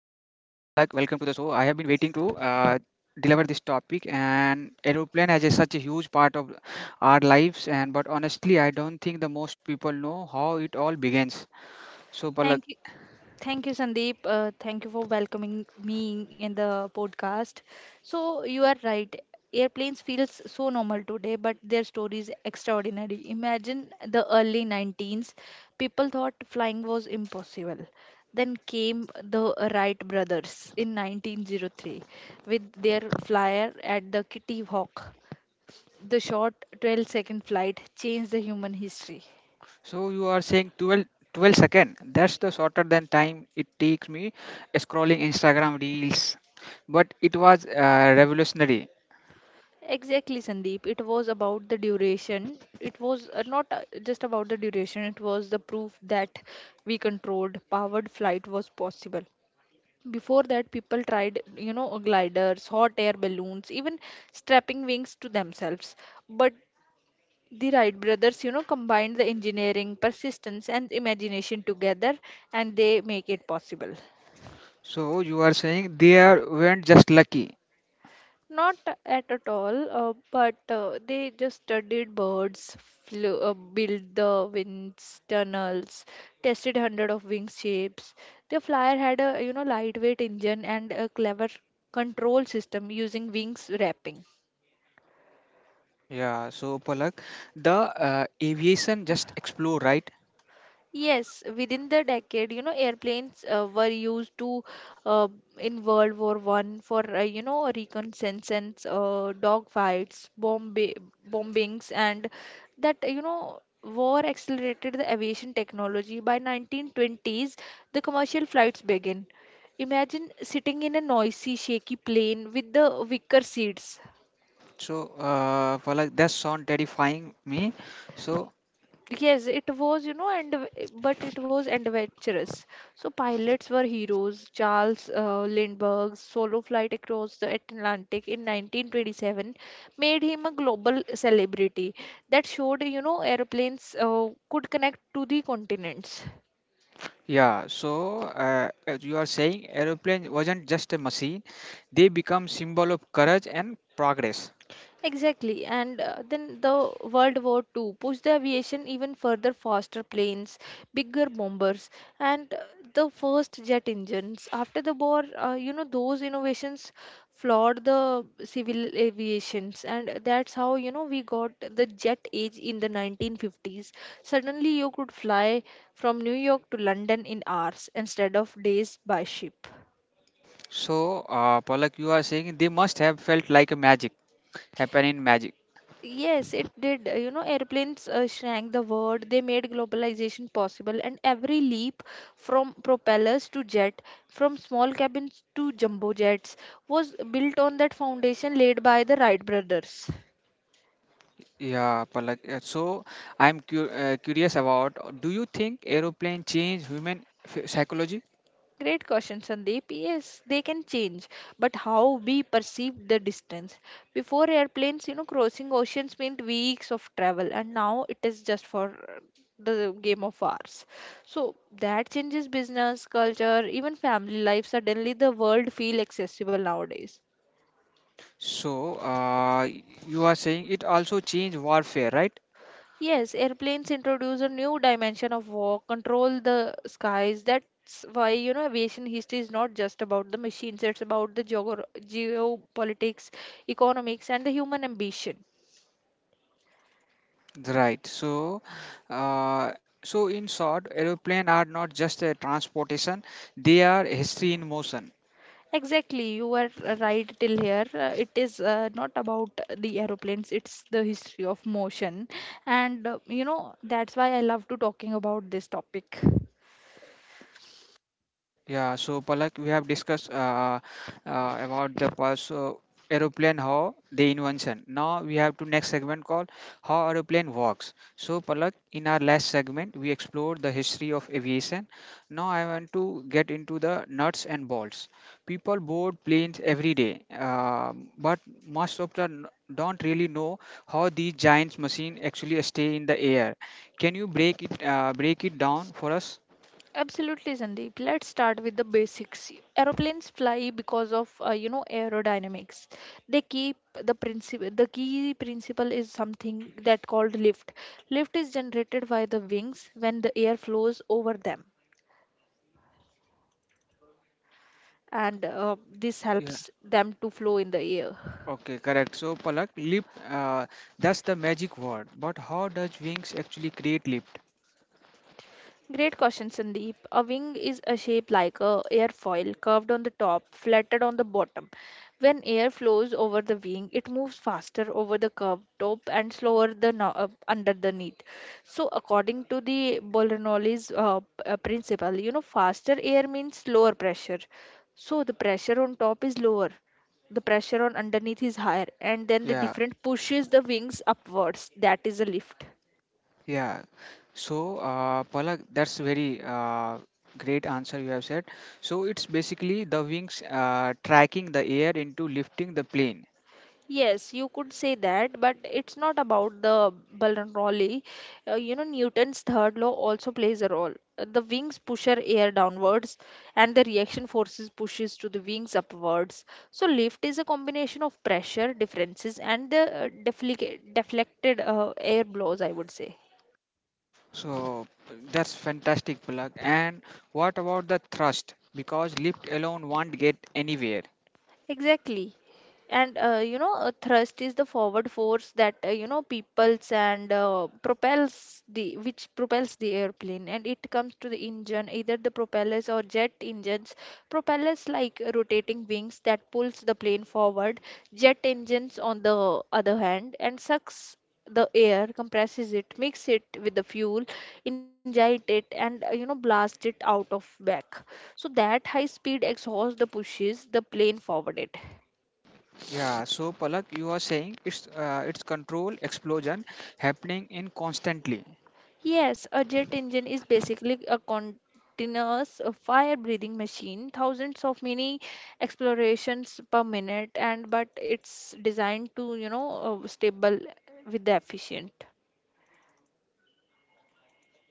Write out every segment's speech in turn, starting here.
the show. I have been waiting to deliver this topic, and aeroplane has such a huge part of our lives. And but honestly, I don't think the most people know how it all begins. So Palak, Thank you. Thank you, Sandeep. Thank you for welcoming me in the podcast. So you are right. Airplanes feels so normal today, but their story is extraordinary. Imagine the early 19s. People thought flying was impossible. Then came the Wright brothers in 1903 with their flyer at the Kitty Hawk. The short 12-second flight changed the human history. so you are saying 12 second. That's the shorter than time it takes me scrolling Instagram reels, but it was revolutionary. Exactly, Sandeep. It was about the duration. It was not just about the duration, it was the proof that we controlled powered flight was possible. Before that, people tried, gliders, hot air balloons, even strapping wings to themselves. But the Wright brothers, combined the engineering, persistence, and imagination together, and they make it possible. So you are saying weren't just lucky. Not at all, but they just studied birds, flew, built the winds tunnels, tested hundred of wing shapes. The flyer had a lightweight engine and a clever control system using wings wrapping. Yeah, so Palak, the aviation just explore, right? Yes, within the decade, you know, airplanes were used to uh, in World War One for you know reconnaissance, dogfights, bombings, and that you know war accelerated the aviation technology. By 1920s, the commercial flights began. Imagine sitting in a noisy, shaky plane with the wicker seats. So, Palak, that sound terrifying me. So Yes, it was, you know, and but it was adventurous. So pilots were heroes. Charles Lindbergh's solo flight across the Atlantic in 1927 made him a global celebrity. That showed, you know, airplanes could connect to the continents. yeah, so as you are saying, aeroplane wasn't just a machine; they become symbol of courage and progress. Exactly, and then the World War Two pushed the aviation even further, faster planes, bigger bombers, and the first jet engines. After the war, you know, those innovations flawed the civil aviations, and that's how, you know, we got the jet age in the 1950s. Suddenly, you could fly from New York to London in hours instead of days by ship. So, Palak, you are saying they must have felt like a magic, happen in magic. Yes, it did. You know, airplanes shrank the world. They made globalization possible, and every leap from propellers to jet, from small cabins to jumbo jets, was built on that foundation laid by the Wright brothers. Yeah, Palak. So I'm curious about. Do you think aeroplane change human psychology? Great question, Sandeep. Yes, they can change, but how we perceive the distance. Before airplanes, you know, crossing oceans meant weeks of travel, and now it is just for uh, the game of hours. So that changes business, culture, even family life. Suddenly, the world feel accessible nowadays. So, you are saying it also changed warfare, right? Yes, airplanes introduce a new dimension of war, control the skies. That's why, you know, aviation history is not just about the machines, it's about the geogor geopolitics, economics, and the human ambition. Right. So in short, aeroplane are not just a transportation; they are history in motion. Exactly, you were right till here. It is not about the aeroplanes, it's the history of motion. And, you know, that's why I love to talking about this topic. Yeah, so Palak, we have discussed about the past aeroplane how the invention. Now we have to next segment called how aeroplane works. So Palak, in our last segment we explored the history of aviation. Now I want to get into the nuts and bolts. People board planes every day, but most of them don't really know how these giant machines actually stay in the air. Can you break it down for us? Absolutely, Sandeep. Let's start with the basics. Aeroplanes fly because of you know aerodynamics. They keep the principle. The key principle is something that called lift. Lift is generated by the wings when the air flows over them, and this helps them to flow in the air. Okay, correct. So, Palak, lift, that's the magic word. But how does wings actually create lift? Great question, Sandeep. A wing is a shape like a airfoil, curved on the top, flattened on the bottom. When air flows over the wing, it moves faster over the curved top and slower the no- underneath. So, according to the Bernoulli's principle, you know, faster air means lower pressure. So, the pressure on top is lower, the pressure on underneath is higher, and then the Yeah, different pushes the wings upwards. That is a lift. yeah. So, Palak, that's very great answer you have said. So, it's basically the wings tracking the air into lifting the plane. Yes, you could say that, but it's not about the Balranolli. You know, Newton's third law also plays a role. The wings push our air downwards, and the reaction forces pushes to the wings upwards. So lift is a combination of pressure differences and the deflected air blows, I would say. So, that's fantastic, Palak. And what about the thrust? Because lift alone won't get anywhere. Exactly. And you know thrust is the forward force that you know peoples and propels the which propels the airplane, and it comes to the engine, either the propellers or jet engines. Propellers like rotating wings that pulls the plane forward. Jet engines on the other hand and sucks the air, compresses it, mix it with the fuel, inject it, and you know blast it out of back. So that high speed exhaust the pushes the plane forward it. Yeah, so Palak, you are saying it's control explosion happening in constantly. Yes, a jet engine is basically a continuous fire breathing machine, thousands of mini explorations per minute, and but it's designed to, you know, stable with the efficient.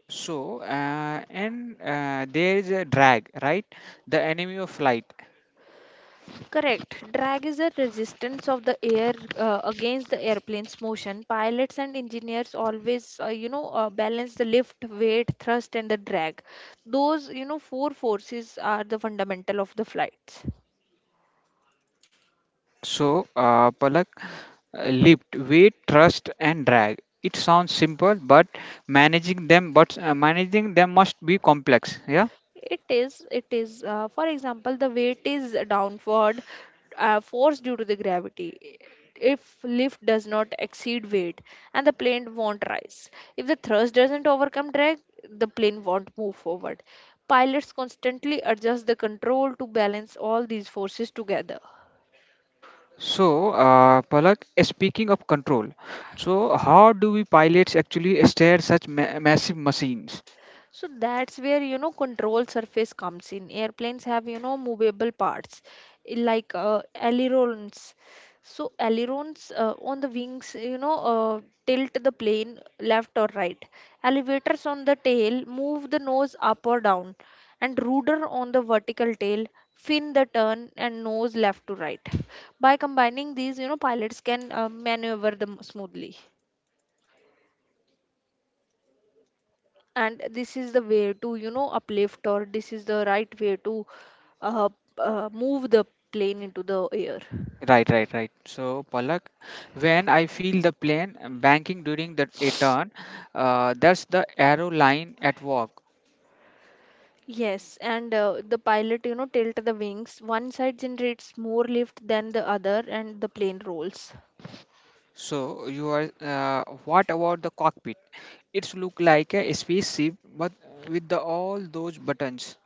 So, and there is a drag, right? The enemy of light. Correct. Drag is the resistance of the air against the airplane's motion. Pilots and engineers always, balance the lift, weight, thrust, and the drag. Those, you know, four forces are the fundamental of the flights. So, Palak, lift, weight, thrust, and drag. It sounds simple, but managing them must be complex. Yeah. It is, it is. For example, the weight is downward force due to the gravity. If lift does not exceed weight, and the plane won't rise. If the thrust doesn't overcome drag, the plane won't move forward. Pilots constantly adjust the control to balance all these forces together. So, Palak, speaking of control, so how do we pilots actually steer such massive machines? So that's where you know control surface comes in. Airplanes have you know movable parts like ailerons. So ailerons on the wings tilt the plane left or right. Elevators on the tail move the nose up or down, and rudder on the vertical tail fin the turn and nose left to right. By combining these, you know pilots can maneuver them smoothly. And this is the way to you know uplift, or this is the right way to uh, move the plane into the air. Right, right, right. So, Palak, when I feel the plane banking during the a turn, that's the arrow line at work. Yes, and the pilot you know tilt the wings one side generates more lift than the other and the plane rolls. So, you are. What about the cockpit? It's look like a spaceship, but with the, all those buttons.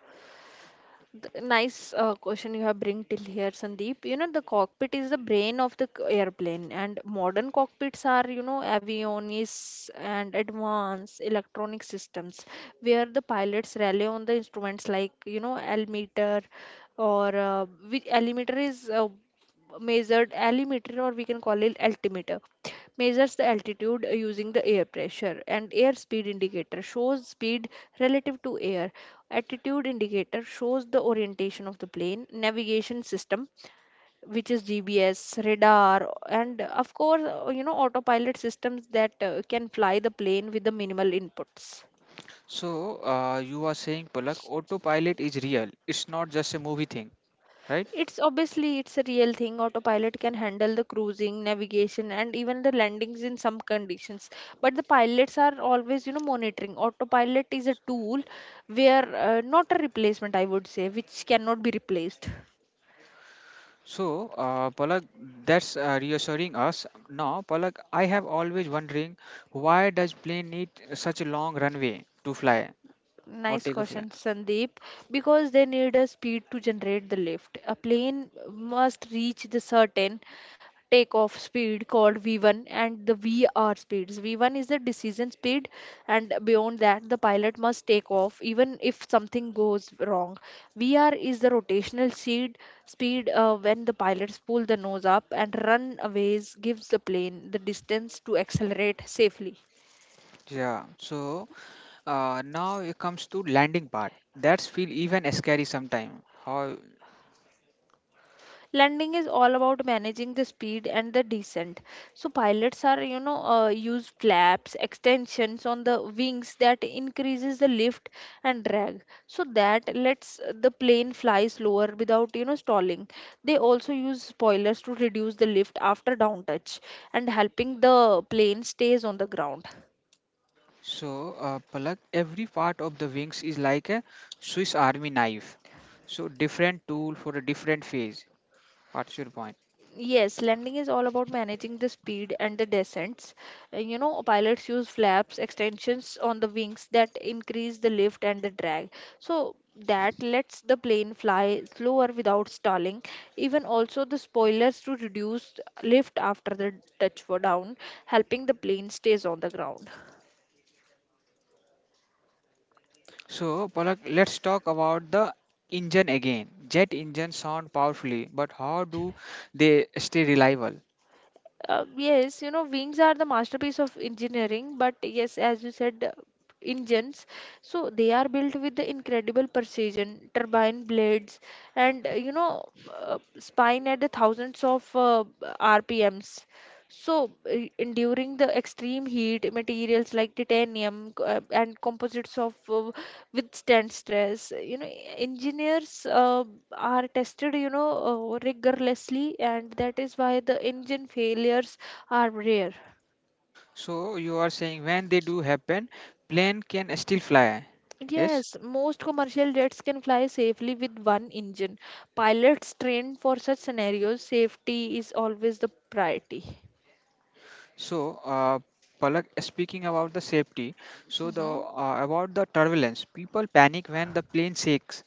Nice question you have bring till here, Sandeep. You know, the cockpit is the brain of the airplane, and modern cockpits are, you know, avionics and advanced electronic systems where the pilots rely on the instruments like, you know, altimeter or which altimeter is measured altimeter, or we can call it altimeter, measures the altitude using the air pressure, and air speed indicator shows speed relative to air. Attitude indicator shows the orientation of the plane navigation system, which is GPS, radar, and of course, you know, autopilot systems that can fly the plane with the minimal inputs. So, you are saying, Palak, autopilot is real. It's not just a movie thing, right? It's obviously it's a real thing. Autopilot can handle the cruising, navigation, and even the landings in some conditions. But the pilots are always, you know, monitoring. Autopilot is a tool where not a replacement, I would say, which cannot be replaced. So, Palak, that's reassuring us. Now, Palak, I have always wondering why does plane need such a long runway to fly or Nice take a flight? question, Sandeep. Because they need a speed to generate the lift. A plane must reach the certain takeoff speed called V1 and the VR speeds. V1 is the decision speed, and beyond that, the pilot must take off even if something goes wrong. VR is the rotational speed when the pilots pull the nose up and run aways gives the plane the distance to accelerate safely. Yeah. So, now it comes to landing part. That's feel even scary sometime. How? Landing is all about managing the speed and the descent. So pilots are, you know, use flaps, extensions on the wings that increases the lift and drag. So that lets the plane fly slower without, you know, stalling. They also use spoilers to reduce the lift after down touch and helping the plane stays on the ground. So, Palak, every part of the wings is like a Swiss Army knife. So different tool for a different phase. What's your point? Yes, landing is all about managing the speed and the descents. You know, pilots use flaps, extensions on the wings that increase the lift and the drag. So that lets the plane fly slower without stalling. Even also the spoilers to reduce lift after the touch down, helping the plane stays on the ground. So, Palak, let's talk about the engine again. Jet engines sound powerfully, but how do they stay reliable? Yes, you know, wings are the masterpiece of engineering, but yes, as you said, engines. So they are built with the incredible precision, turbine blades, and spine at the thousands of RPMs. So, enduring the extreme heat, materials like titanium and composites of withstand stress you know engineers uh, are tested you know rigorously, and that is why the engine failures are rare. So, you are saying when they do happen, plane can still fly. Yes. Yes, most commercial jets can fly safely with one engine. Pilots trained for such scenarios, safety is always the priority. So, Palak, speaking about the safety, so the Mhm. About the turbulence, people panic when the plane shakes.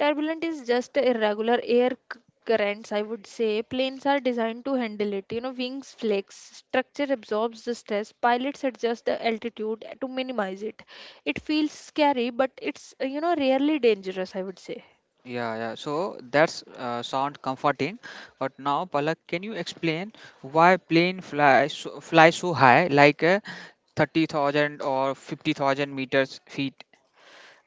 Turbulent is just a irregular currents, I would say. Planes are designed to handle it. You know, wings flex, structure absorbs the stress, pilots adjust the altitude to minimize it. It feels scary, but it's, you know, rarely dangerous, I would say. Yeah, yeah. So that's sound comforting. But now, Palak, can you explain why plane fly so high, like 30,000 or 50,000 meters feet?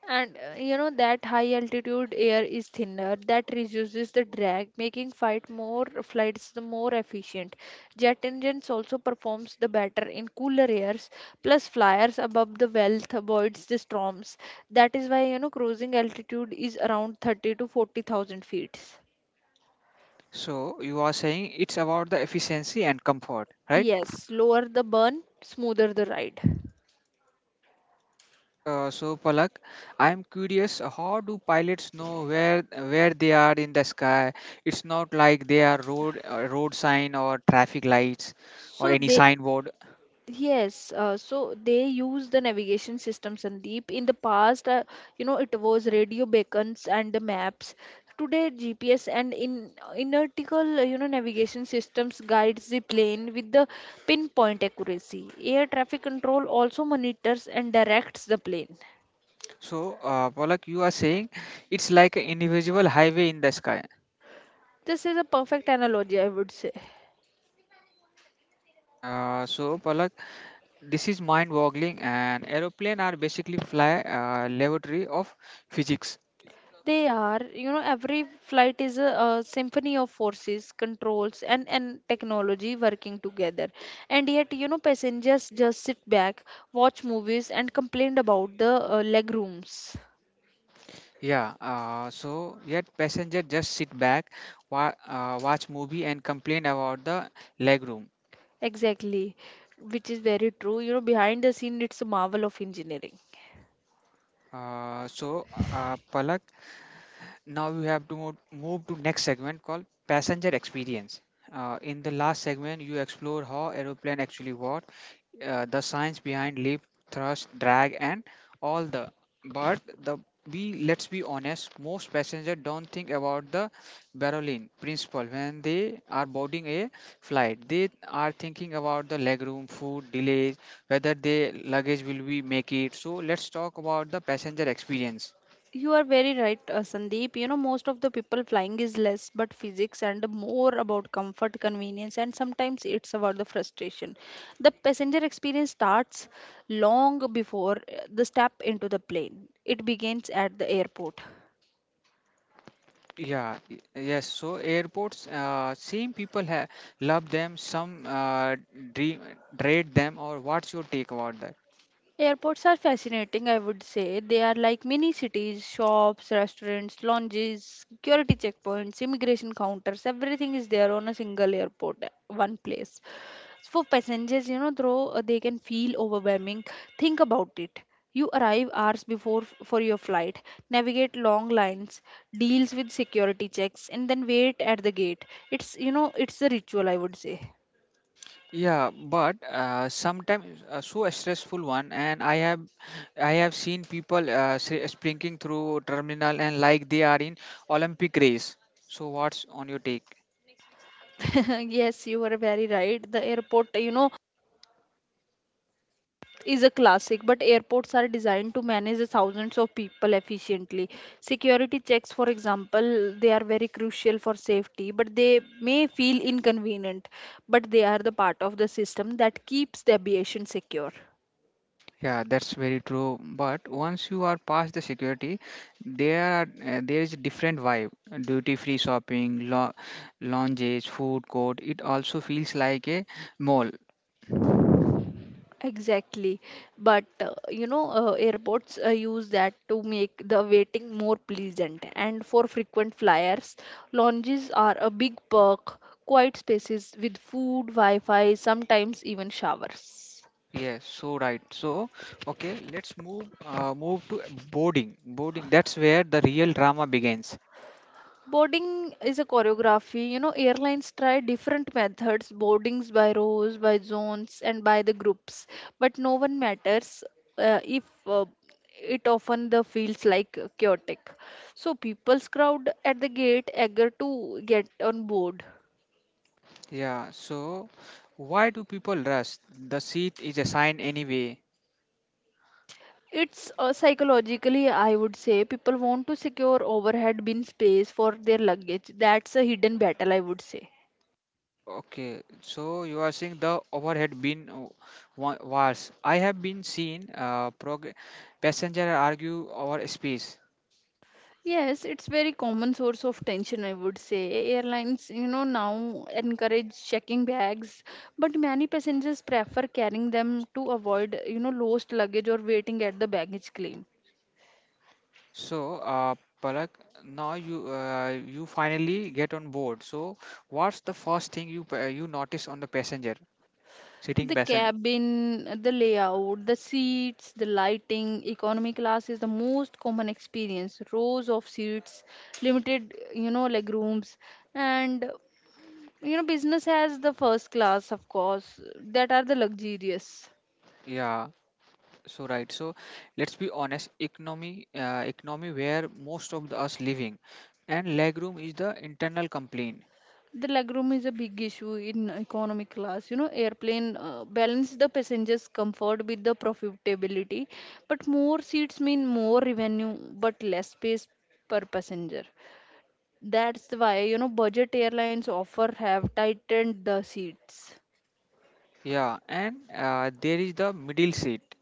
And you know that high altitude air is thinner, that reduces the drag, making fight more flights the more efficient. Jet engines also performs the better in cooler airs, plus flyers above the wealth avoids the storms. That is why you know cruising altitude is around 30 to 40,000 feet. So you are saying it's about the efficiency and comfort, right? Yes, lower the burn, smoother the ride. So, Palak, I am curious. How do pilots know where they are in the sky? It's not like they are road sign or traffic lights or So any they signboard? Yes, so they use the navigation system, Sandeep. In the past, it was radio beacons and the maps. Today, GPS and in inertical, navigation systems guides the plane with the pinpoint accuracy. Air traffic control also monitors and directs the plane. So, Palak, you are saying it's like an invisible highway in the sky. This is a perfect analogy, I would say. So, Palak, this is mind-boggling, and aeroplane are basically fly laboratory of physics. They are, you know, every flight is a symphony of forces, controls, and technology working together. And yet, you know, passengers just sit back, watch movies, and complain about the leg rooms. Yeah. So, yet passenger just sit back, watch movie, and complain about the leg room. Exactly, which is very true. You know, behind the scene, it's a marvel of engineering. So, Palak, now we have to move to next segment called passenger experience. In the last segment you explore how aeroplane actually work, the science behind lift, thrust, drag, and all the but the we let's be honest, most passengers don't think about the Berlin principle when they are boarding a flight. They are thinking about the legroom, food, delays, whether their luggage will be make it. So let's talk about the passenger experience. You are very right, Sandeep. You know, most of the people flying is less but physics and more about comfort, convenience, and sometimes it's about the frustration. The passenger experience starts long before the step into the plane, it begins at the airport. Yeah, yes. So airports, same people ha love them, some dream dread them, or what's your take about that? Airports are fascinating, I would say. They are like mini cities, shops, restaurants, lounges, security checkpoints, immigration counters, everything is there on a single airport, one place. For passengers, you know, though they can feel overwhelming, think about it. You arrive hours before for your flight, navigate long lines, deals with security checks, and then wait at the gate. It's you know, it's a ritual, I would say. Yeah, but sometimes so a stressful one, and I have seen people sprinting through terminal and like they are in Olympic race. So what's on your take? Yes, you are very right. The airport, you know, is a classic, but airports are designed to manage the thousands of people efficiently. Security checks, for example, they are very crucial for safety, but they may feel inconvenient, but they are the part of the system that keeps the aviation secure. Yeah, that's very true. But once you are past the security, there is a different vibe. Duty-free shopping, lounges, food court. It also feels like a mall. Exactly, but you know, airports use that to make the waiting more pleasant. And for frequent flyers, lounges are a big perk, quiet spaces with food, Wi Fi, sometimes even showers. Yes, so right. So okay, let's move to boarding. Boarding. That's where the real drama begins. Boarding is a choreography. You know, airlines try different methods boardings by rows, by zones, and by the groups. But no one matters if it often the feels like chaotic. So people's crowd at the gate eager to get on board. Yeah. So why do people rush? The seat is assigned anyway. It's psychologically, I would say, people want to secure overhead bin space for their luggage. That's a hidden battle, I would say. Okay, so you are saying the overhead bin was. I have been seen passenger argue over space. Yes, it's very common source of tension, I would say. Airlines, you know, now encourage checking bags, but many passengers prefer carrying them to avoid, you know, lost luggage or waiting at the baggage claim. So, Palak, now you finally get on board. So, what's the first thing you notice on the passenger sitting The passenger? cabin, the layout, the seats, the lighting, economy class is the most common experience. Rows of seats, limited, you know, like rooms, and you know, business has the first class, of course, that are the luxurious. Yeah, so right. So, let's be honest. Economy, where most of the us living, and legroom is the internal complaint. The legroom is a big issue in economy class. You know, airplane balance the passengers' comfort with the profitability, but more seats mean more revenue but less space per passenger. That's why you know budget airlines offer have tightened the seats. Yeah, and there is the middle seat,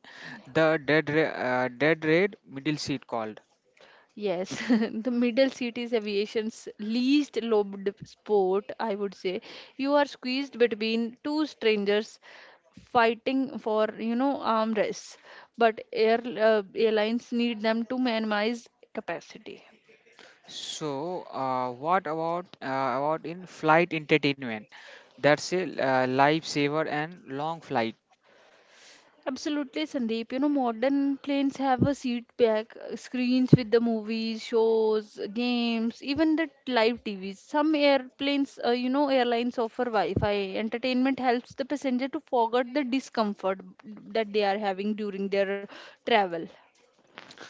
the dead red middle seat called. Yes, the middle seat is aviation's least loved sport, I would say. You are squeezed between two strangers fighting for, you know, arm rests, but airlines need them to minimize capacity. So, what about in flight entertainment? That's a lifesaver and long flight. Absolutely, Sandeep. You know, modern planes have a seat back, screens with the movies, shows, games, even the live TVs. Some airplanes, you know, airlines offer Wi-Fi. Entertainment helps the passenger to forget the discomfort that they are having during their travel.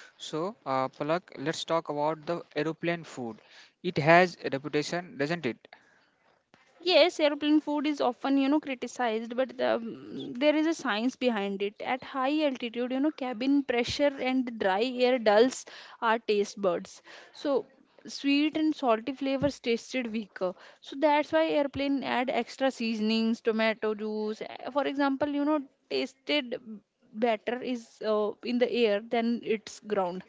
So, Palak, let's talk about the aeroplane food. It has a reputation, doesn't it? Yes, airplane food is often, you know, criticized, but the, there is a science behind it. At high altitude, you know, cabin pressure and dry air dulls our taste buds. So, sweet and salty flavors tasted weaker. So, that's why airplane add extra seasonings, tomato juice. For example, you know, tasted batter is in the air than its ground.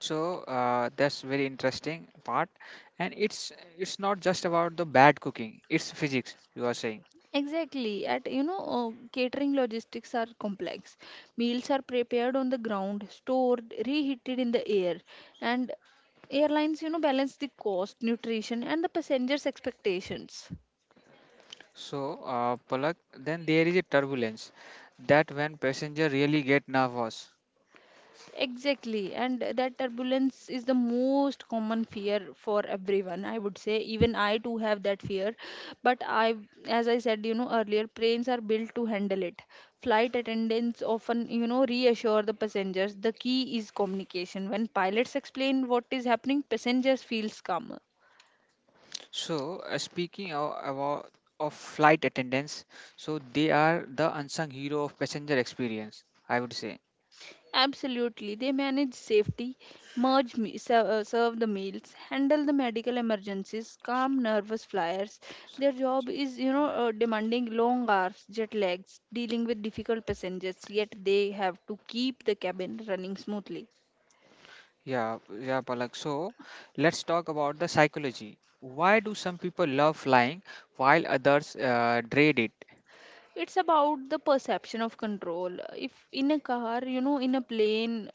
So, that's very interesting part, and it's not just about the bad cooking. It's physics. You are saying. Exactly. At you know, catering logistics are complex. Meals are prepared on the ground, stored, reheated in the air, and airlines, you know, balance the cost, nutrition, and the passengers' expectations. So, Palak, then there is a turbulence that when passenger really get nervous. Exactly, and that turbulence is the most common fear for everyone. I would say even I too have that fear, but I, as I said, you know earlier, planes are built to handle it. Flight attendants often, you know, reassure the passengers. The key is communication. When pilots explain what is happening, passengers feels calmer. So, speaking of, about of flight attendants, so they are the unsung hero of passenger experience, I would say. Absolutely. They manage safety, serve the meals, handle the medical emergencies, calm nervous flyers. Their job is, you know, demanding long hours, jet lags, dealing with difficult passengers, yet they have to keep the cabin running smoothly. Yeah, yeah, Palak. So, let's talk about the psychology. Why do some people love flying while others dread it? It's about the perception of control. If in a car, you know, in a plane,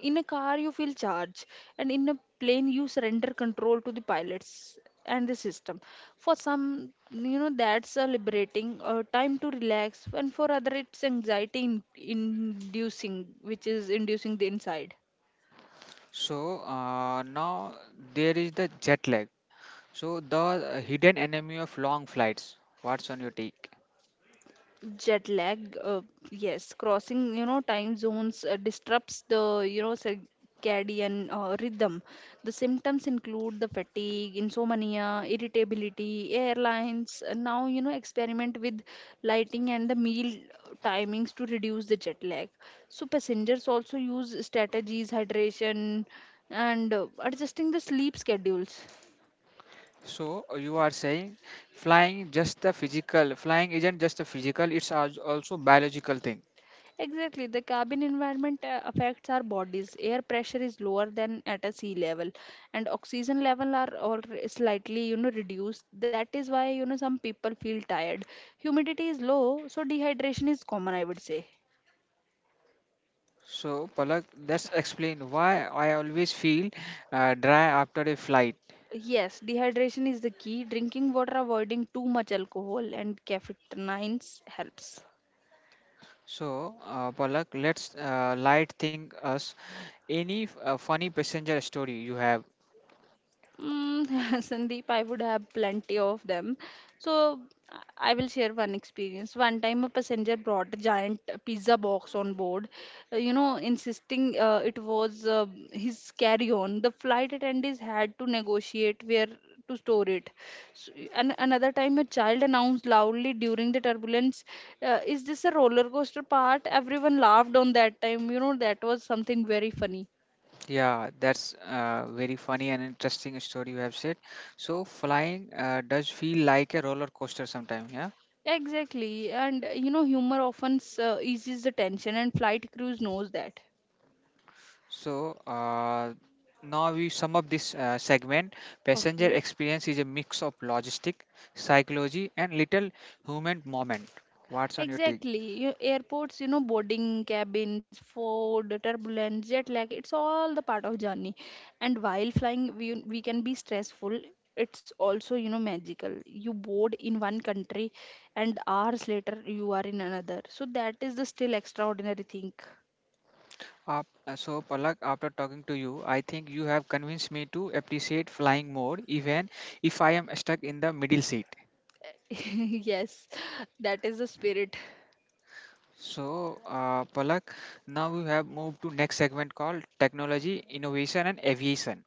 in a car you feel charged and in a plane you surrender control to the pilots and the system for some you know that's a liberating time to relax and for other it's anxiety inducing which is inducing the inside So, now there is the jet lag. So, the hidden enemy of long flights. What's on your take? jet lag uh, yes crossing you know time zones disrupts the you know circadian rhythm the symptoms include the fatigue insomnia irritability airlines now you know experiment with lighting and the meal timings to reduce the jet lag so passengers also use strategies hydration and adjusting the sleep schedules. So, you are saying flying isn't just a physical, it's also biological thing. Exactly. The cabin environment affects our bodies. Air pressure is lower than at a sea level, and oxygen level are all slightly, you know, reduced. That is why, you know, some people feel tired. Humidity is low, so dehydration is common, I would say. So Palak, let's explain why I always feel dry after a flight. Yes, dehydration is the key. Drinking water, avoiding too much alcohol and caffeine helps. So, Palak, let's light think us any funny passenger story you have. Mm, Sandeep, I would have plenty of them. So I will share one experience. One time, a passenger brought a giant pizza box on board, you know, insisting it was his carry-on. The flight attendees had to negotiate where to store it. So, and another time, a child announced loudly during the turbulence, "Is this a roller coaster part?" Everyone laughed on that time. You know, that was something very funny. Yeah, that's very funny and interesting story you have said. So flying does feel like a roller coaster sometimes. Yeah. Exactly, and you know, humor often eases the tension, and flight crews knows that. So, now we sum up this segment. Passenger experience is a mix of logistic, psychology, and little human moment. What's on your take? Exactly, you- airports, you know, boarding cabins, food, turbulence, jet lag, it's all the part of journey. And while flying, we can be stressful. It's also, you know, magical. You board in one country, and hours later you are in another. So that is the still extraordinary thing. Uh, so, Palak, after talking to you, I think you have convinced me to appreciate flying more, even if I am stuck in the middle seat. Yes, that is the spirit. So, Palak, now we have moved to next segment called technology, innovation, and aviation.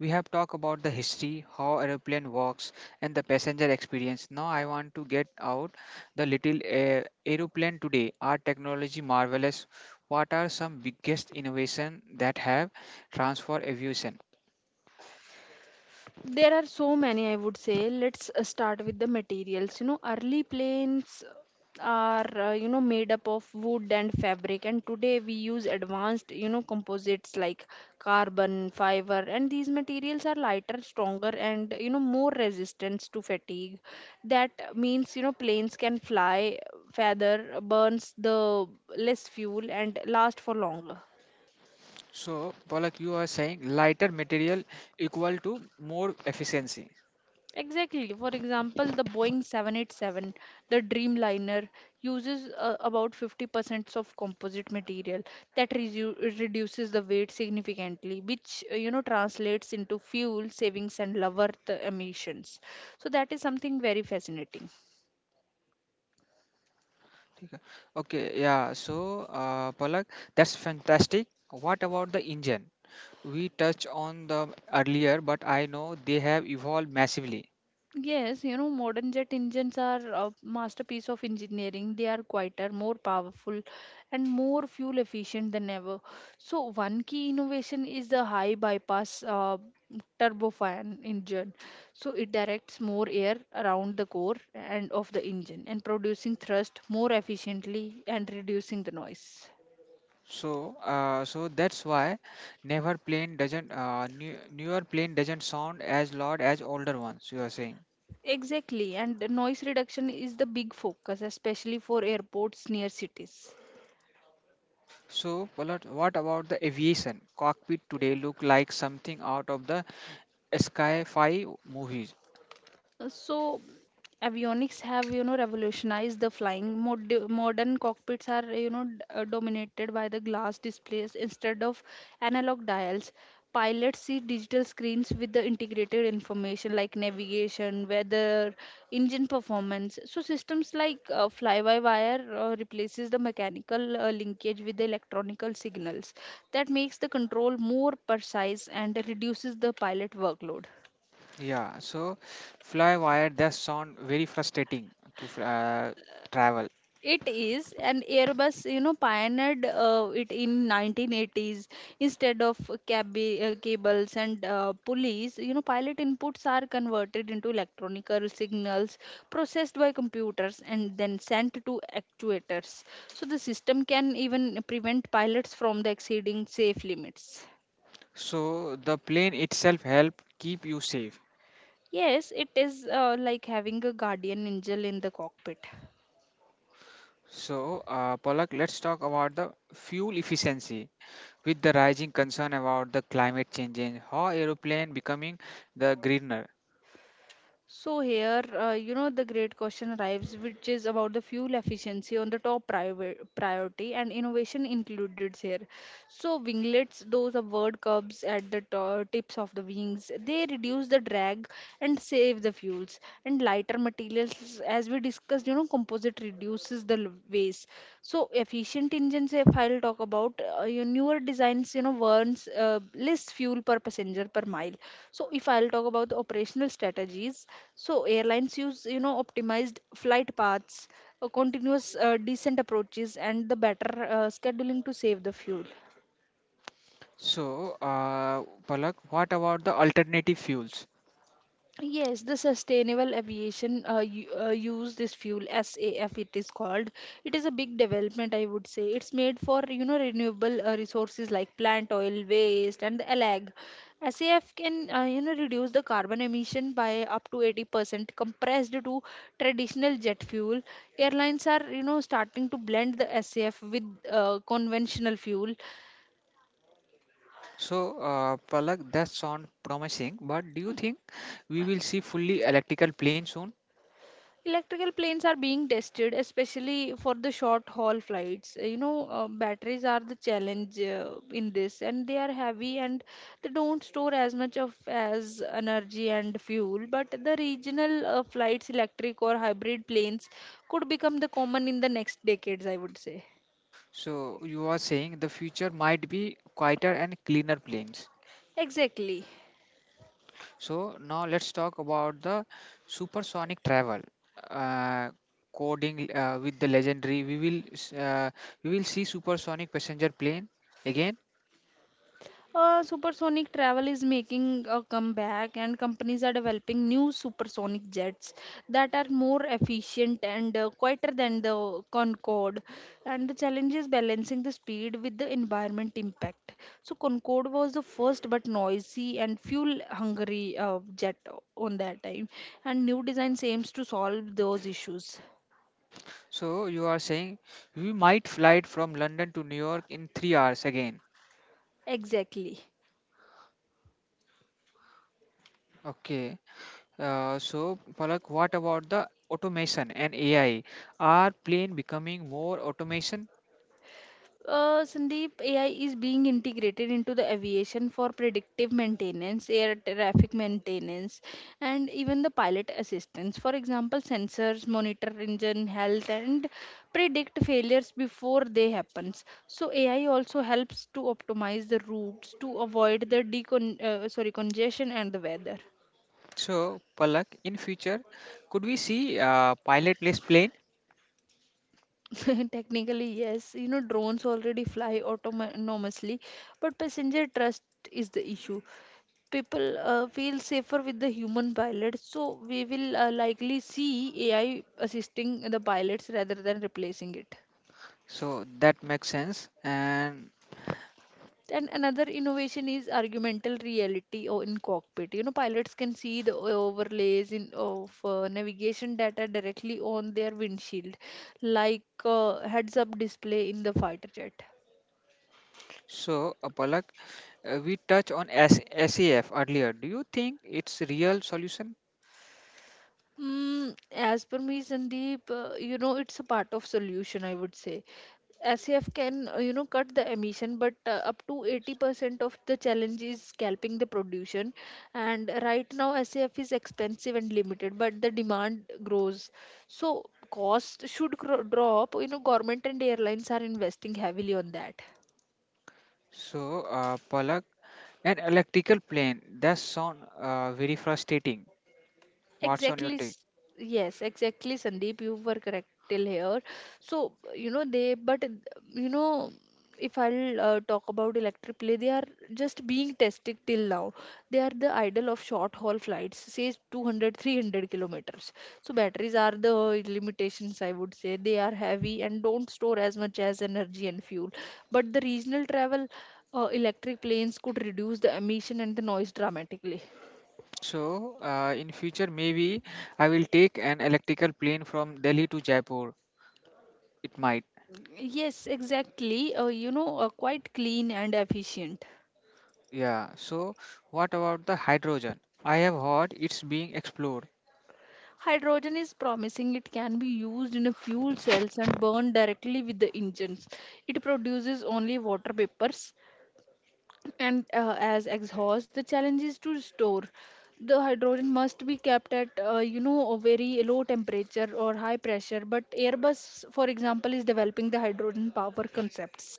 We have talked about the history, how aeroplane works, and the passenger experience. Now I want to get out the little air aeroplane today. Our technology marvelous. What are some biggest innovation that have transformed aviation? There are so many, I would say. Let's start with the materials. You know, early planes are, you know, made up of wood and fabric, and today we use advanced, you know, composites like carbon, fiber, and these materials are lighter, stronger, and, you know, more resistant to fatigue. That means, you know, planes can fly, feather, burns the less fuel, and last for longer. So, Polak, you are saying lighter material equal to more efficiency. Exactly. For example, the Boeing 787, the Dreamliner, uses about 50% of composite material that reduces the weight significantly, which you know translates into fuel savings and lower the emissions. So that is something very fascinating. ठीक है? Okay, yeah. So, Polak, that's fantastic. What about the engine? We touched on them earlier, but I know they have evolved massively. Yes, you know, modern jet engines are a masterpiece of engineering. They are quieter, more powerful, and more fuel efficient than ever. So, one key innovation is the high bypass turbofan engine. So, it directs more air around the core and of the engine and producing thrust more efficiently and reducing the noise. So that's why never plane doesn't newer plane doesn't sound as loud as older ones. You are saying. Exactly, and the noise reduction is the big focus, especially for airports near cities. So, Palat, what about the aviation cockpit today? Look like something out of the sci-fi movies. So, avionics have, you know, revolutionized the flying. Modern cockpits are, you know, dominated by the glass displays instead of analog dials. Pilots see digital screens with the integrated information like navigation, weather, engine performance. So systems like fly-by-wire replaces the mechanical linkage with the electronical signals. That makes the control more precise and reduces the pilot workload. Yeah. So, fly wire does sound very frustrating to travel. It is, and Airbus, you know, pioneered it in 1980s. Instead of cables and pulleys, you know, pilot inputs are converted into electronical signals processed by computers and then sent to actuators. So the system can even prevent pilots from the exceeding safe limits. So, the plane itself help keep you safe. Yes, it is like having a guardian angel in the cockpit. So, Palak, let's talk about the fuel efficiency with the rising concern about the climate change and how aeroplane becoming the greener. So here, you know, the great question arrives, which is about the fuel efficiency on the top priority and innovation included here. So winglets, those are word curbs at the tips of the wings. They reduce the drag and save the fuels. And lighter materials, as we discussed, you know, composite reduces the waste. So efficient engines, if I'll talk about your newer designs, you know, burns less fuel per passenger per mile. So if I'll talk about the operational strategies, so airlines use you know optimized flight paths, continuous decent approaches and the better scheduling to save the fuel. So uh, Palak, what about the alternative fuels? Yes, the sustainable aviation use this fuel SAF it is called. It is a big development, I would say. It's made for renewable resources like plant oil, waste, and the allag. SAF can reduce the carbon emission by up to 80% compressed to traditional jet fuel. Airlines are starting to blend the SAF with conventional fuel. So, Palak, that sound promising, but do you think we will see fully electrical plane soon? Electrical planes are being tested, especially for the short haul flights. Batteries are the challenge in this, and they are heavy and they don't store as much of as energy and fuel. But the regional flights, electric or hybrid planes, could become the common in the next decades, I would say. So you are saying the future might be quieter and cleaner planes. Exactly. So now let's talk about the supersonic travel. Uh, coding with the legendary, we will see supersonic passenger plane again? Supersonic travel is making a comeback, and companies are developing new supersonic jets that are more efficient and quieter than the Concorde. And the challenge is balancing the speed with the environment impact. So, Concorde was the first but noisy and fuel hungry jet on that time, and new design aims to solve those issues. So you are saying we might fly it from London to New York in 3 hours again. Exactly. Okay. So Palak, what about the automation and AI? Are plane becoming more automation? Sandeep, AI is being integrated into the aviation for predictive maintenance, air traffic maintenance, and even the pilot assistance. For example, sensors monitor engine health and predict failures before they happens. So AI also helps to optimize the routes to avoid the decon sorry congestion and the weather. So Palak, in future could we see pilotless plane? Technically, yes, drones already fly autonomously, but passenger trust is the issue. People feel safer with the human pilots, so we will likely see AI assisting the pilots rather than replacing it. So that makes sense, and And another innovation is argumental reality or in cockpit, pilots can see the overlays in of navigation data directly on their windshield, like heads up display in the fighter jet. so, Palak, we touched on SAF earlier. Do you think it's real solution? As per me, Sandeep, it's a part of solution, I would say. SAF can, cut the emission, but up to 80% of the challenge is scalping the production. And right now, SAF is expensive and limited, but the demand grows. So cost should drop. Government and airlines are investing heavily on that. So, Palak, an electrical plane. That sound very frustrating. What's on your Exactly. take? s- Yes, exactly, Sandeep. You were correct till here. So, you know, they, but, you know, if I'll talk about electric play, they are just being tested till now. They are the idol of short haul flights, says 200, 300 kilometers. So, batteries are the limitations, I would say. They are heavy and don't store as much as energy and fuel. But the regional travel, electric planes could reduce the emission and the noise dramatically. So, in future maybe I will take an electrical plane from Delhi to Jaipur. It might. Yes, exactly. Quite clean and efficient. Yeah. So, what about the hydrogen? I have heard it's being explored. Hydrogen is promising. It can be used in a fuel cells and burned directly with the engines. It produces only water vapors and as exhaust. The challenge is to store. The hydrogen must be kept at a very low temperature or high pressure. But Airbus, for example, is developing the hydrogen power concepts.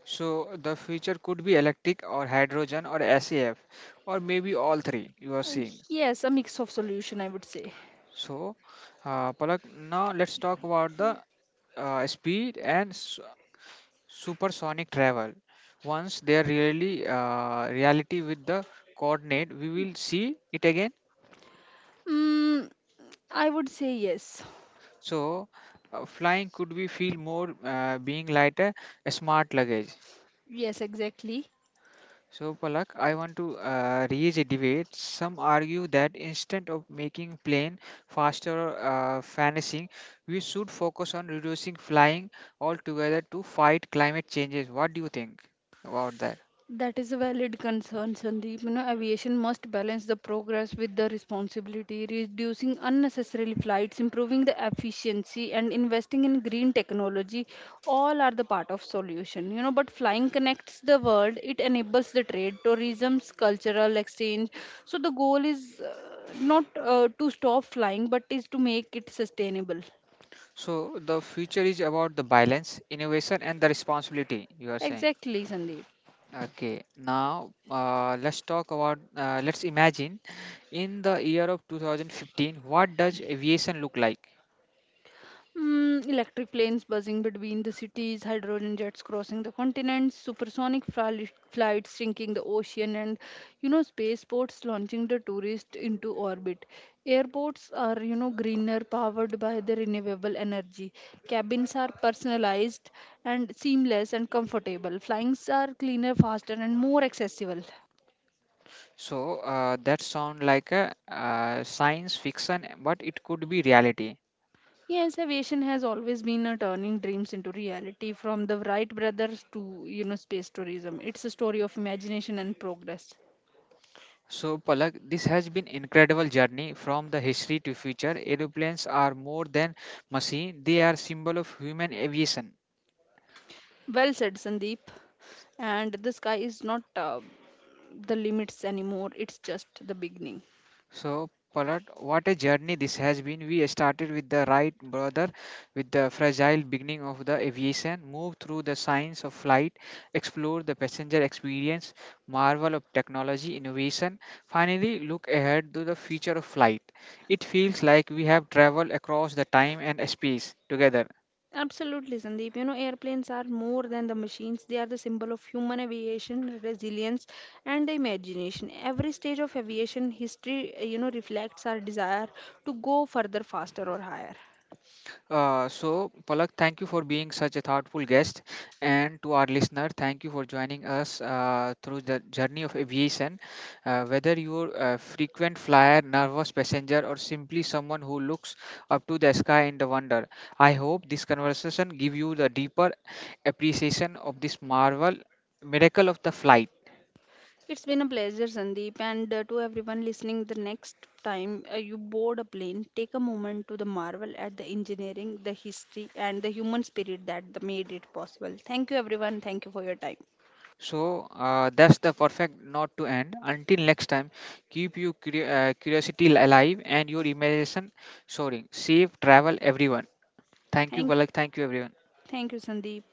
So, the future could be electric or hydrogen or SAF or maybe all three. You are seeing. Yes, a mix of solution, I would say. So, Palak, now let's talk about the speed and supersonic travel. Once they are really reality with the coordinate, we will see it again. Mm, I would say yes. So, flying could we feel more being lighter, a smart luggage. Yes, exactly. So, Palak, I want to raise a debate. Some argue that instead of making plane faster or fantasizing, we should focus on reducing flying altogether to fight climate changes. What do you think about that? That is a valid concern, Sandeep. Aviation must balance the progress with the responsibility, reducing unnecessary flights, improving the efficiency, and investing in green technology. All are the part of solution. But flying connects the world. It enables the trade, tourism's cultural exchange. So the goal is not to stop flying, but is to make it sustainable. So, the future is about the balance, innovation, and the responsibility. You are saying. Exactly, Sandeep. Okay, now let's talk about. Let's imagine in the year of 2015, what does aviation look like? Electric planes buzzing between the cities, hydrogen jets crossing the continents, supersonic flights sinking the ocean, and spaceports launching the tourist into orbit. Airports are, greener, powered by the renewable energy. Cabins are personalized and seamless and comfortable. Flyings are cleaner, faster, and more accessible. So, that sound like a science fiction, but it could be reality. Yes, aviation has always been a turning dreams into reality from the Wright brothers to, space tourism. It's a story of imagination and progress. So Palak, this has been incredible journey from the history to future. Aeroplanes are more than machine; they are symbol of human aviation. Well said, Sandeep. And the sky is not the limits anymore, it's just the beginning. So, Palat, what a journey this has been. We started with the Wright brother, with the fragile beginning of the aviation, moved through the science of flight, explored the passenger experience, marvel of technology, innovation, finally look ahead to the future of flight. It feels like we have traveled across the time and space together. Absolutely, Sandeep. Airplanes are more than the machines. They are the symbol of human aviation, resilience, and the imagination. Every stage of aviation history, reflects our desire to go further, faster, or higher. So, Palak, thank you for being such a thoughtful guest. And to our listener, thank you for joining us through the journey of aviation. Whether you're a frequent flyer, nervous passenger, or simply someone who looks up to the sky in the wonder, I hope this conversation give you the deeper appreciation of this marvel miracle of the flight. It's been a pleasure, Sandeep, and to everyone listening. The next time you board a plane, take a moment to the marvel at the engineering, the history, and the human spirit that the made it possible. Thank you, everyone. Thank you for your time. So, that's the perfect note to end. Until next time, keep your curiosity alive and your imagination soaring. Safe travel, everyone. Thank you, Thank Valak. you. Thank you, everyone. Thank you, Sandeep.